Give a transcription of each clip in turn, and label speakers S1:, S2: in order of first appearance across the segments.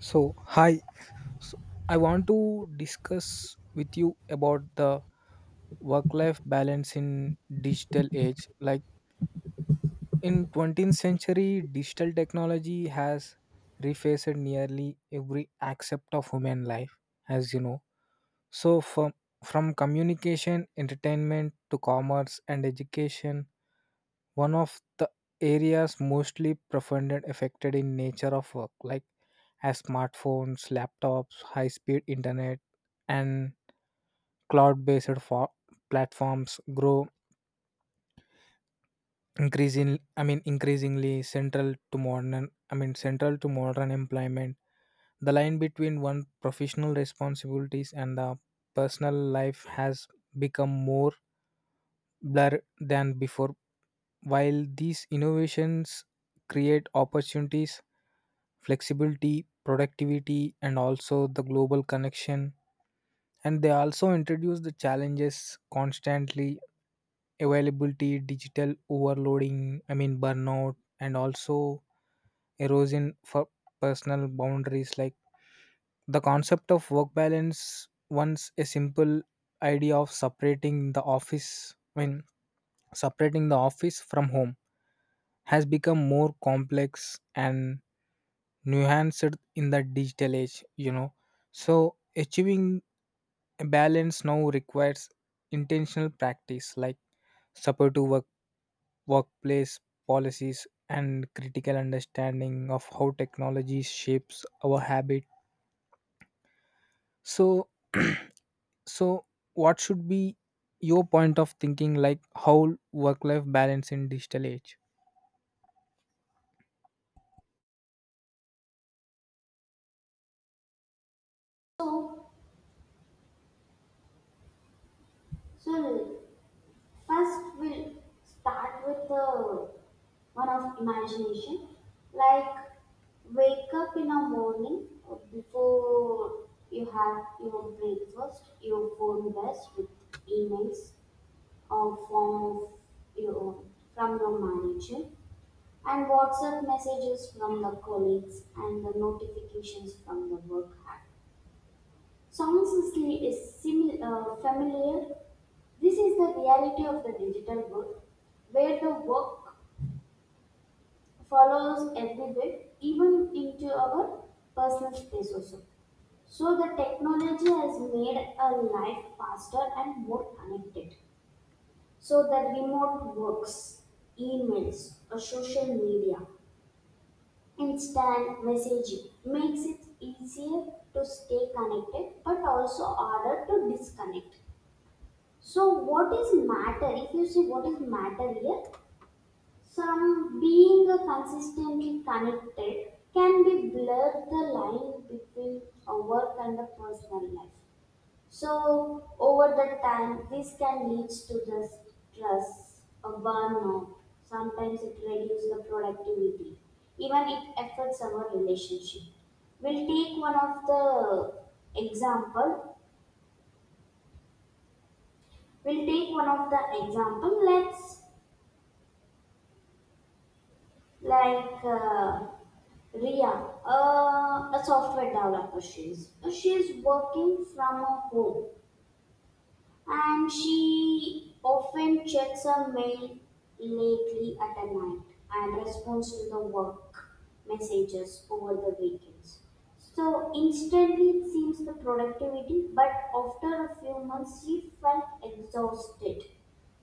S1: So, hi. So, I want to discuss with you about the work-life balance in digital age. Like in 20th century, digital technology has refaced nearly every aspect of human life, as you know. So, from from communication, entertainment to commerce and education, one of the areas mostly profounded affected in nature of work like as smartphones laptops high speed internet and cloud based for platforms grow increasingly central to modern employment. The line between one professional responsibilities and the personal life has become more blur than before. While these innovations create opportunities, flexibility, productivity, and also the global connection, and they also introduce the challenges constantly availability, digital overloading, burnout, and also erosion for personal boundaries. Like the concept of work balance once a simple idea of separating the office from home has become more complex and nuanced in the digital age. So achieving a balance now requires intentional practice like supportive workplace policies and critical understanding of how technology shapes our habit. So So what should be your point of thinking, like how work life balance in digital age?
S2: So, so, first we'll start with the one of imagination. Like wake up in the morning before you have your breakfast, your phone best with emails or form of your from your manager, and WhatsApp messages from the colleagues and the notifications from the work app. Sounds familiar. This is the reality of the digital world, where the work follows everywhere, even into our personal space also. So the technology has made our life faster and more connected. So the remote works, emails, or social media, instant messaging makes it easier to stay connected, but also harder to disconnect. So what is matter? If you see what is matter here, some being consistently connected can be blurred the line between a work and a personal life. So over the time, this can lead to the stress, a burnout. Sometimes it reduces the productivity. Even it affects our relationship. We'll take one of the example. We'll take one of the example. Let's like uh, Ria, a software developer. She's working from a home, and she often checks her mail lately at a night and responds to the work messages over the weekends. So instantly it seems the productivity, but after a few months she felt exhausted,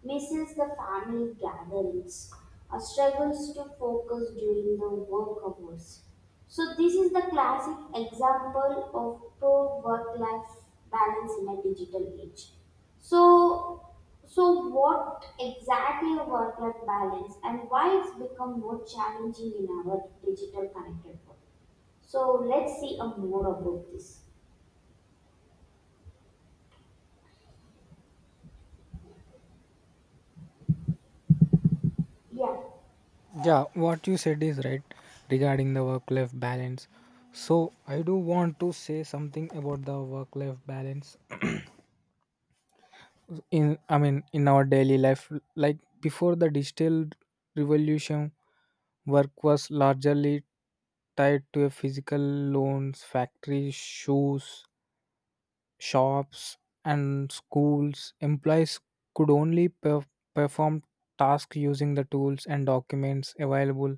S2: misses the family gatherings, struggles to focus during the work hours. So this is the classic example of poor work-life balance in a digital age. So, so, what exactly a work-life balance and why it's become more challenging in our digital connected world? So let's see a more about this. Yeah,
S1: Yeah, what you said is right regarding the work life balance. So, I do want to say something about the work life balance in I mean in our daily life. Like before the digital revolution, work was largely tied to a physical loans, factories, shoes shops and schools. Employees could only perform tasks using the tools and documents available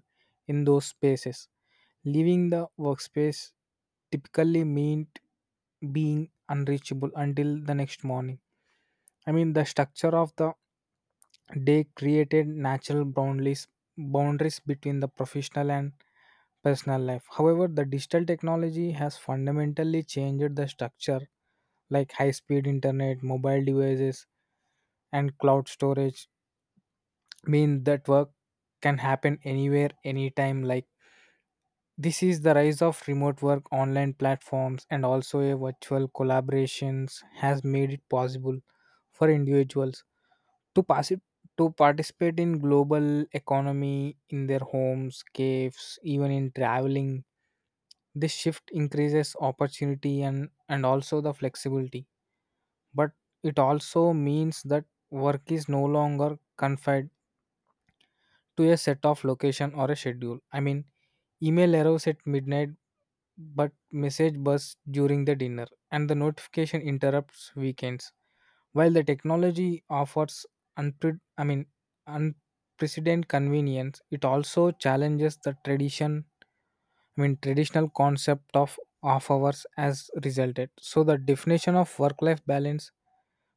S1: in those spaces. Leaving the workspace typically meant being unreachable until the next morning. The structure of the day created natural boundaries between the professional and personal life. However, the digital technology has fundamentally changed the structure, like high speed internet, mobile devices, and cloud storage mean that work can happen anywhere, anytime. Like, this is the rise of remote work, online platforms, and also a virtual collaborations has made it possible for individuals to pass it to participate in global economy in their homes caves even in traveling. This shift increases opportunity and also the flexibility, but it also means that work is no longer confined to a set of location or a schedule. Email arrives at midnight, but message bursts during the dinner, and the notification interrupts weekends. While the technology offers unpre- I mean, unprecedented convenience, it also challenges the tradition. Traditional concept of off hours as resulted. So the definition of work-life balance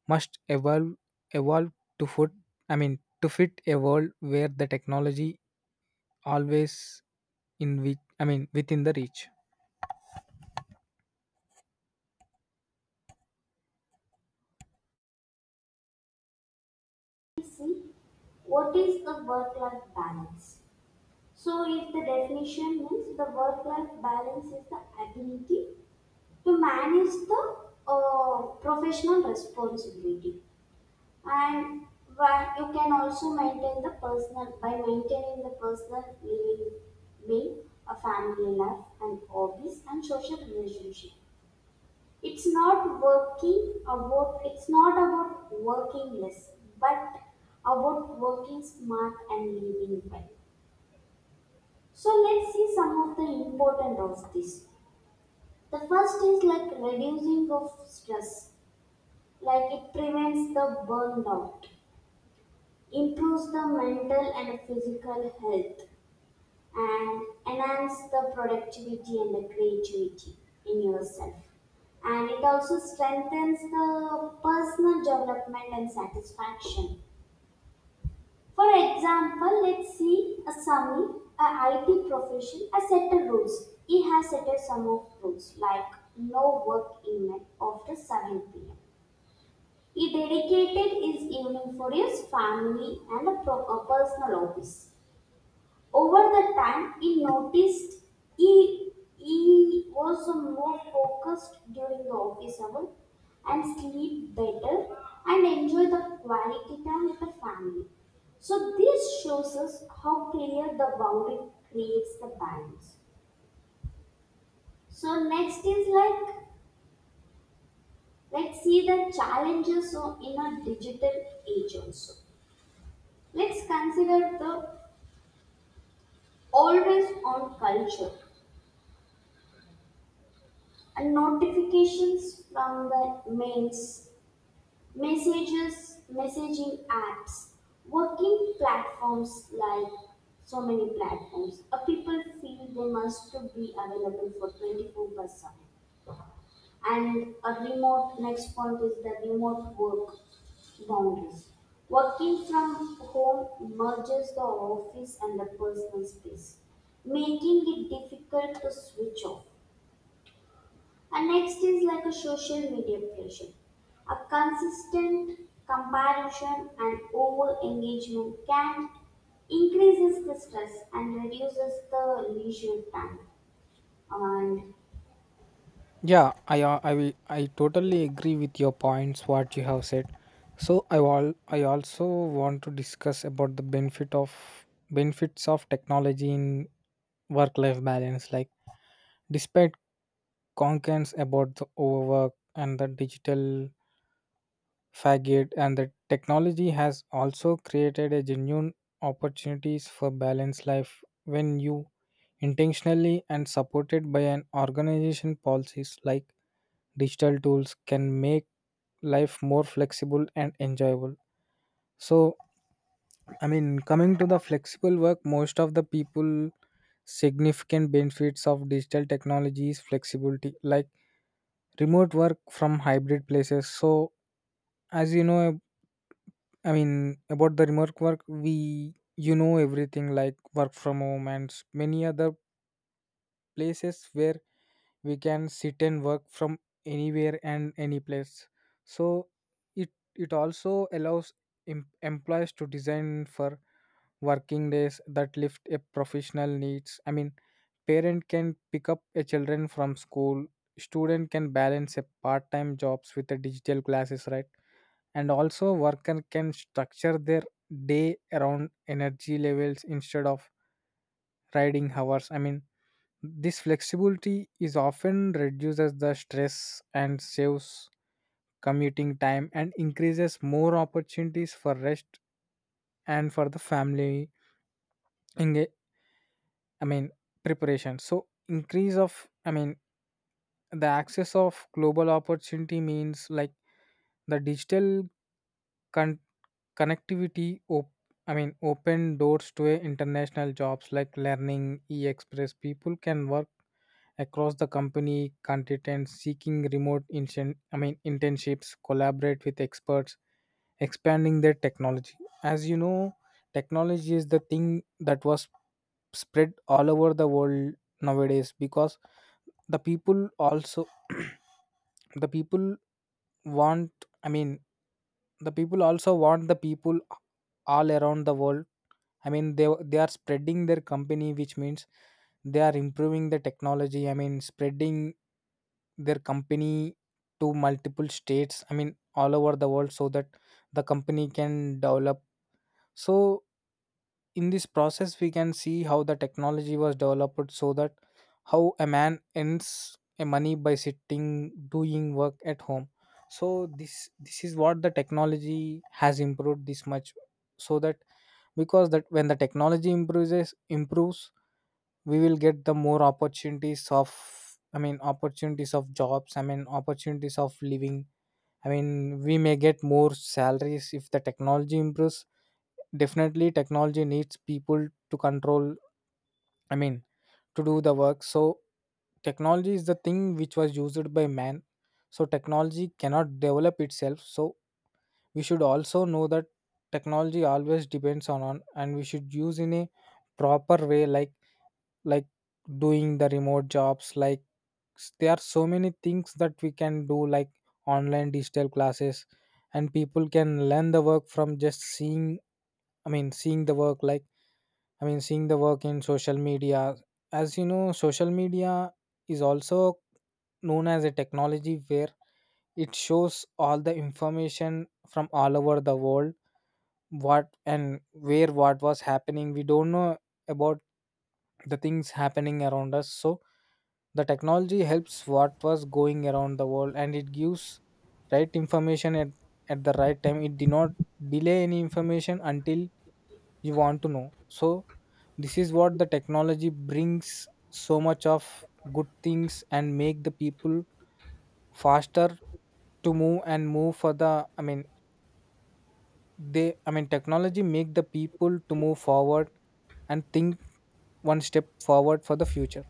S1: must evolve to foot I mean to fit a world where the technology always in which within the reach.
S2: let's see, what is the work-life balance? So if the definition means the work-life balance is the ability to manage the professional responsibility. And why you can also maintain the personal by maintaining the personal living, being a family life and hobbies and social relationship. It's not working about it's not about working less, but about working smart and living well. So let's see some of the important of this. The first is like reducing of stress, like it prevents the burnout, improves the mental and physical health, and enhance the productivity and the creativity in yourself, and it also strengthens the personal development and satisfaction. For example, let's see a Sami, a IT profession has set a rules. He has set a sum of rules like no work email after 7 p.m. He dedicated his evening for his family and a a personal office. Over the time, he noticed he, he was more focused during the office hour and sleep better and enjoy the quality time with the family. So this shows us how clear the boundary creates the balance. So next is like, let's see the challenges of- in a digital age also. Let's consider the always on culture and notifications from the mails, messages, messaging apps, working platforms, like so many platforms. People feel they must to be available for 24 by 7. And a remote, next point is the remote work boundaries. Working from home merges the office and the personal space, making it difficult to switch off. And next is like a social media pressure. A consistent comparison and over engagement can increases the stress and reduces the leisure time. And
S1: Yeah, I totally agree with your points what you have said. So I all I also want to discuss about the benefits of technology in work life balance. Like despite concerns about the overwork and the digital faggot, and the technology has also created a genuine opportunities for balanced life when you intentionally and supported by an organization policies. Like digital tools can make life more flexible and enjoyable. so Coming to the flexible work, most of the people significant benefits of digital technologies flexibility, like remote work from hybrid places. So as you know, about the remote work, we you know everything like work from home and many other places where we can sit and work from anywhere and any place. So it also allows employees to design for working days that lift a professional needs. Parent can pick up a children from school. Student can balance a part-time jobs with the digital classes, right? And also worker can structure their day around energy levels instead of riding hours. This flexibility is often reduces the stress and saves commuting time and increases more opportunities for rest and for the family enga- i mean preparation. So increase of I mean the access of global opportunity means like the digital Con- connectivity op- open doors to a international jobs like learning e-express. People can work across the company content seeking remote internships, collaborate with experts expanding their technology. As you know, technology is the thing that was spread all over the world nowadays, because the people also the people want I mean the people also want the people all around the world. They are spreading their company, which means they are improving the technology, spreading their company to multiple states, all over the world, so that the company can develop. So in this process we can see how the technology was developed, so that how a man earns a money by sitting doing work at home. So this is what the technology has improved this much, so that because that when the technology improves we will get the more opportunities of, opportunities of jobs, opportunities of living. We may get more salaries if the technology improves. Definitely technology needs people to control, I mean, to do the work. So technology is the thing which was used by man. So technology cannot develop itself. So we should also know that technology always depends on, and we should use in a proper way, like doing the remote jobs, like there are so many things that we can do, like online digital classes, and people can learn the work from just seeing, I mean seeing the work like I mean, seeing the work in social media. As you know, social media is also known as a technology where it shows all the information from all over the world, what and where what was happening. We don't know about the things happening around us. So, the technology helps what was going around the world and it gives right information at the right time. It did not delay any information until you want to know. So this is what the technology brings so much of good things and make the people faster to move and move for the, I mean they I mean technology make the people to move forward and think one step forward for the future.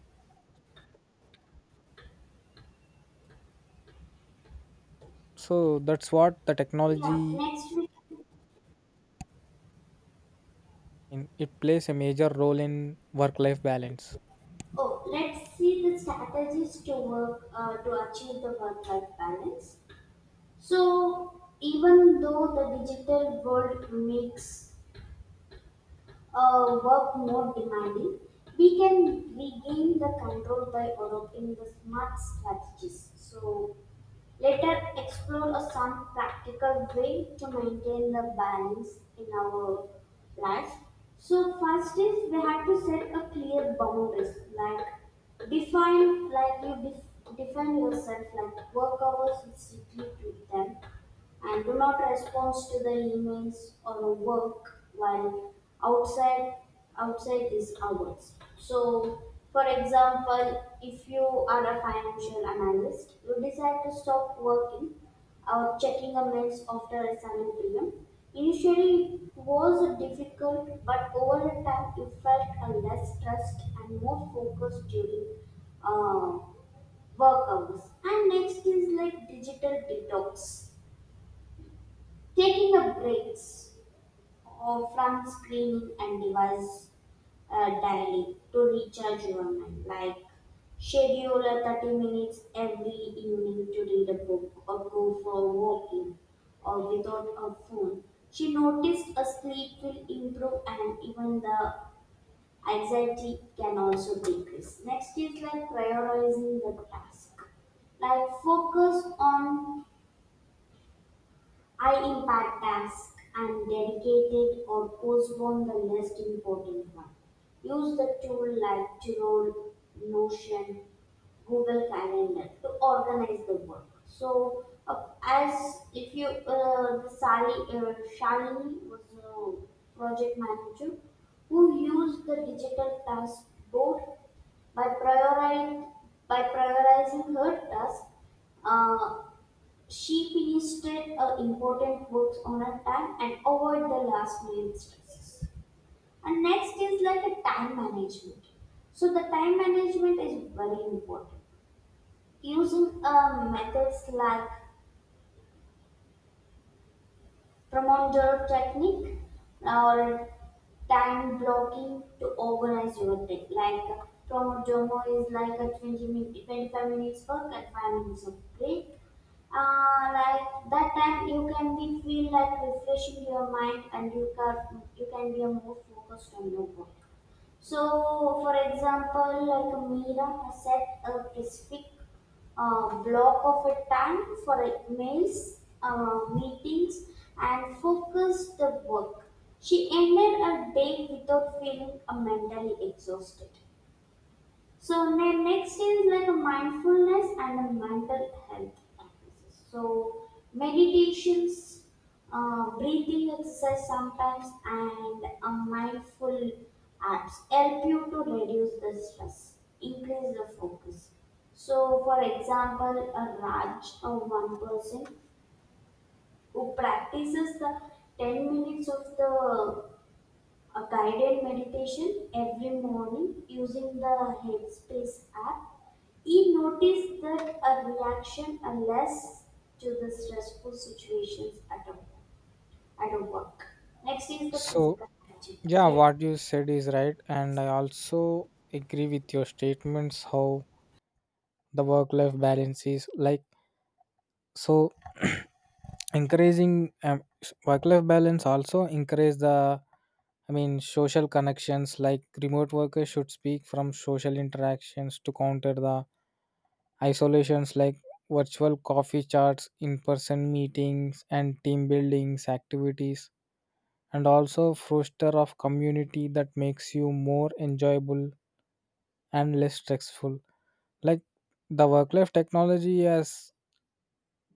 S1: So that's what the
S2: yeah,
S1: technology
S2: next we
S1: in, it plays a major role in work life balance.
S2: oh let's see the strategies to work to achieve the work-life balance. So even though the digital world makes work more demanding, we can regain the control by adopting the smart strategies. So, let us explore a some practical way to maintain the balance in our life. So first is we have to set a clear boundaries, like define, like you define yourself, like work hours is strictly to them, and do not respond to the emails or work while outside outside these hours. So for example, if you are a financial analyst, you decide to stop working or checking a mails after 7 p.m. Initially, it was difficult, but over the time, you felt a less stressed and more focused during uh, work hours. And next is like digital detox. Taking the breaks from screening and device daily to recharge your mind, like schedule a 30 minutes every evening to read a book or go for walking or without a phone. She noticed a sleep will improve and even the anxiety can also decrease. Next is like prioritizing the task, like focus on I impact tasks and dedicated or postpone the less important one. Use the tool like Trello, Notion, Google Calendar to organize the work. So, as if you, the Sally, Shalini was a project manager who used the digital task board by prioritizing, by prioritizing her task, uh, she finished her important works on her time and avoid the last minute stresses. And next is like a time management. So the time management is very important. Using methods like Pomodoro technique or time blocking to organize your day. Like Pomodoro is like a 20 minute, 25 minutes work and 5 minutes of break. Like that time you can be feel like refreshing your mind, and you can be a more focused on your work. So, for example, like Mira has set a specific block of a time for emails, meetings, and focused the work. She ended her day without feeling mentally exhausted. So then next is like a mindfulness and a mental health practices. So meditations, breathing exercise sometimes, and a mindful apps help you to reduce the stress, increase the focus. So for example, a Raj, a one person who practices the 10 minutes of the a guided meditation every morning using the Headspace app. He noticed that a reaction are less to the stressful situations at a work. Next is the
S1: So
S2: physical hygiene.
S1: yeah,
S2: Yeah.
S1: what you said is right and I also agree with your statements how the work life balance is like. So encouraging work life balance also encourage the, social connections, like remote workers should speak from social interactions to counter the isolations, like virtual coffee chats, in person meetings and team buildings activities, and also foster of community that makes you more enjoyable and less stressful. Like the work life technology has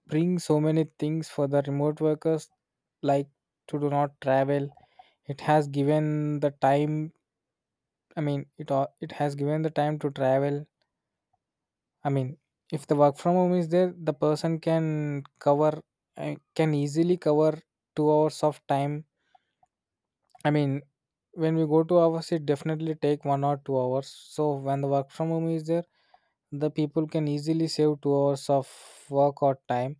S1: bring so many things for the remote workers, like to do not travel, it has given the time, it has given the time to travel. i mean if the work from home is there, the person can cover can easily cover 2 hours of time. i mean when we go to our it definitely take 1 or 2 hours. So when the work from home is there, the people can easily save 2 hours of work or time.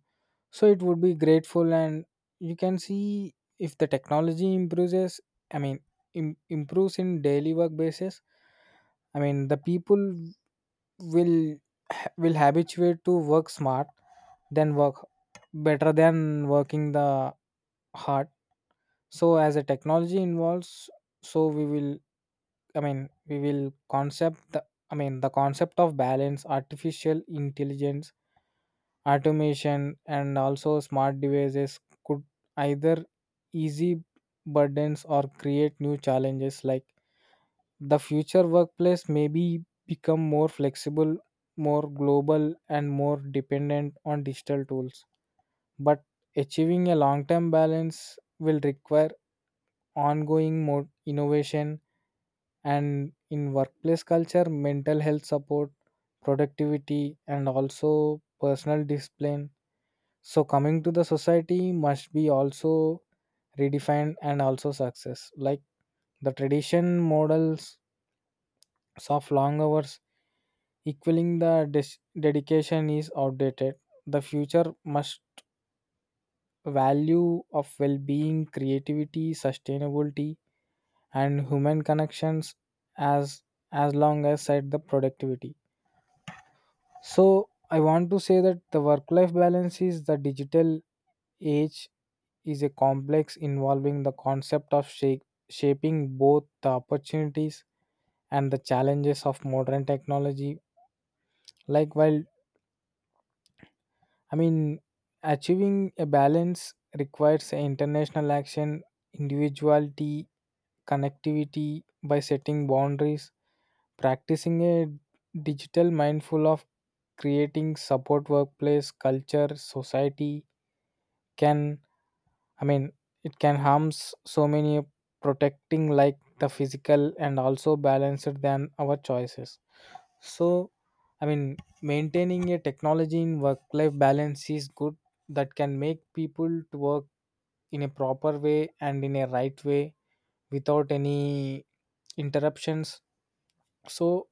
S1: So it would be grateful. And you can see if the technology improves, i mean improves in daily work basis, the people will will habituate to work smart then work better than working the hard. So as a technology involves, so we will, I mean we will concept the I mean the concept of balance artificial intelligence, automation and also smart devices could either easy burdens or create new challenges. Like the future workplace may be become more flexible, more global and more dependent on digital tools. But achieving a long term balance will require ongoing more innovation and in workplace culture, mental health support, productivity and also personal discipline. So coming to the society must be also redefined and also success. Like the tradition models of long hours equaling the dedication is outdated. The future must value of well-being, creativity, sustainability and human connections as as long as at the productivity. So I want to say that the work life balance is the digital age is a complex involving the concept of shaping both the opportunities and the challenges of modern technology. Like while I mean, achieving a balance requires international action, individuality, connectivity by setting boundaries, practicing a digital mindful of creating support workplace, culture, society can, I mean, it can harms so many protecting like the physical and also balanced than our choices. So, I mean, maintaining a technology in work life balance is good, that can make people to work in a proper way and in a right way without any interruptions. So,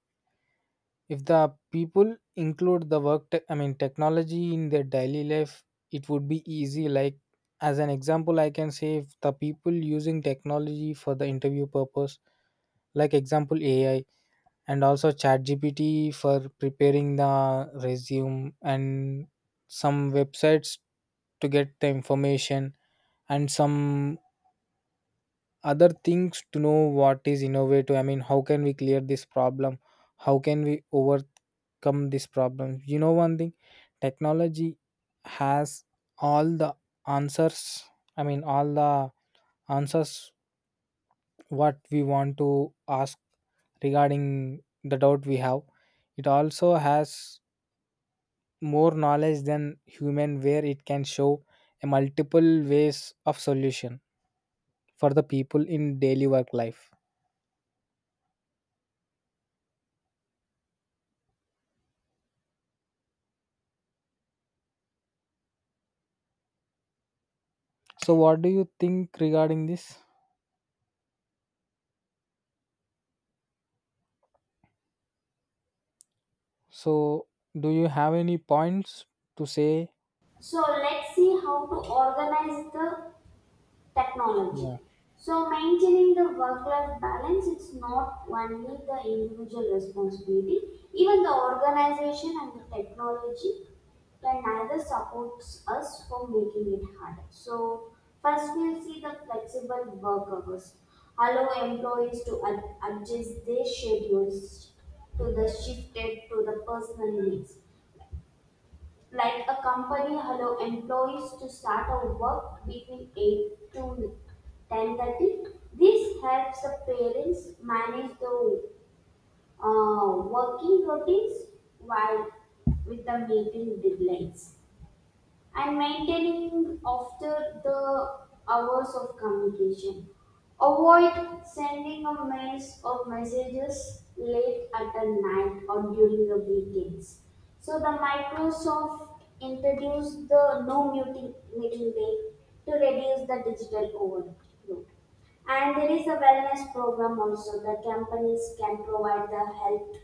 S1: if the people include the work te- I mean technology in their daily life, it would be easy. Like as an example I can say if the people using technology for the interview purpose, like example AI and also chat GPT for preparing the resume and some websites to get the information and some other things to know what is innovative. How can we clear this problem, how can we overcome this problem? You know one thing, technology has all the answers, all the answers, what we want to ask regarding the doubt we have. It also has more knowledge than human where it can show a multiple ways of solution for the people in daily work life. So, what do you think regarding this? So, do you have any points to say?
S2: So let's see how to organize the technology.
S1: Yeah.
S2: So maintaining the work-life balance, it's not only the individual responsibility, even the organization and the technology can neither supports us for making it harder. So first we'll see the flexible work hours. Allow employees to adjust their schedules to the shifted to the personal needs. Like a company allow employees to start a work between 8 to 10:30. This helps the parents manage the working routines while with the meeting deadlines and maintaining after the hours of communication. Avoid sending a mails or messages late at the night or during the weekends. So the Microsoft introduced the no meeting meeting day to reduce the digital overload. And there is a wellness program also. The companies can provide the health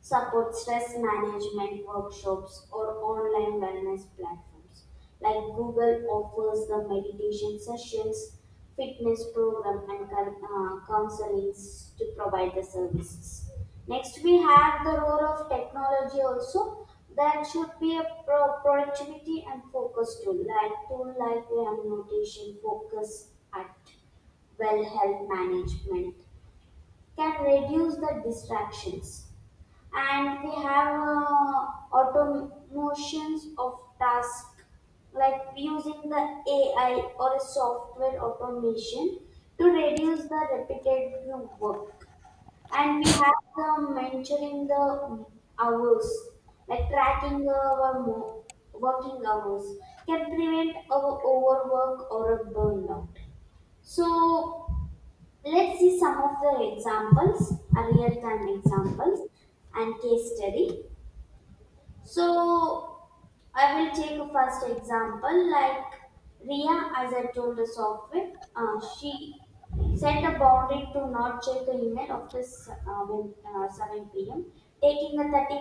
S2: support stress management workshops or online wellness platforms. Like Google offers the meditation sessions, fitness program, and counseling to provide the services. Next, we have the role of technology also. That should be a productivity and focus tool like we have notation, focus at well health management can reduce the distractions, and we have automations of tasks like using the AI or a software automation to reduce the repetitive work. And we have the mentoring the hours, like tracking our working hours can prevent our overwork or a burnout. So let's see some of the examples, real-time examples and case study. So I will take a first example like Ria, as I told the software, she set a boundary to not check the email after 7 p.m., taking a 30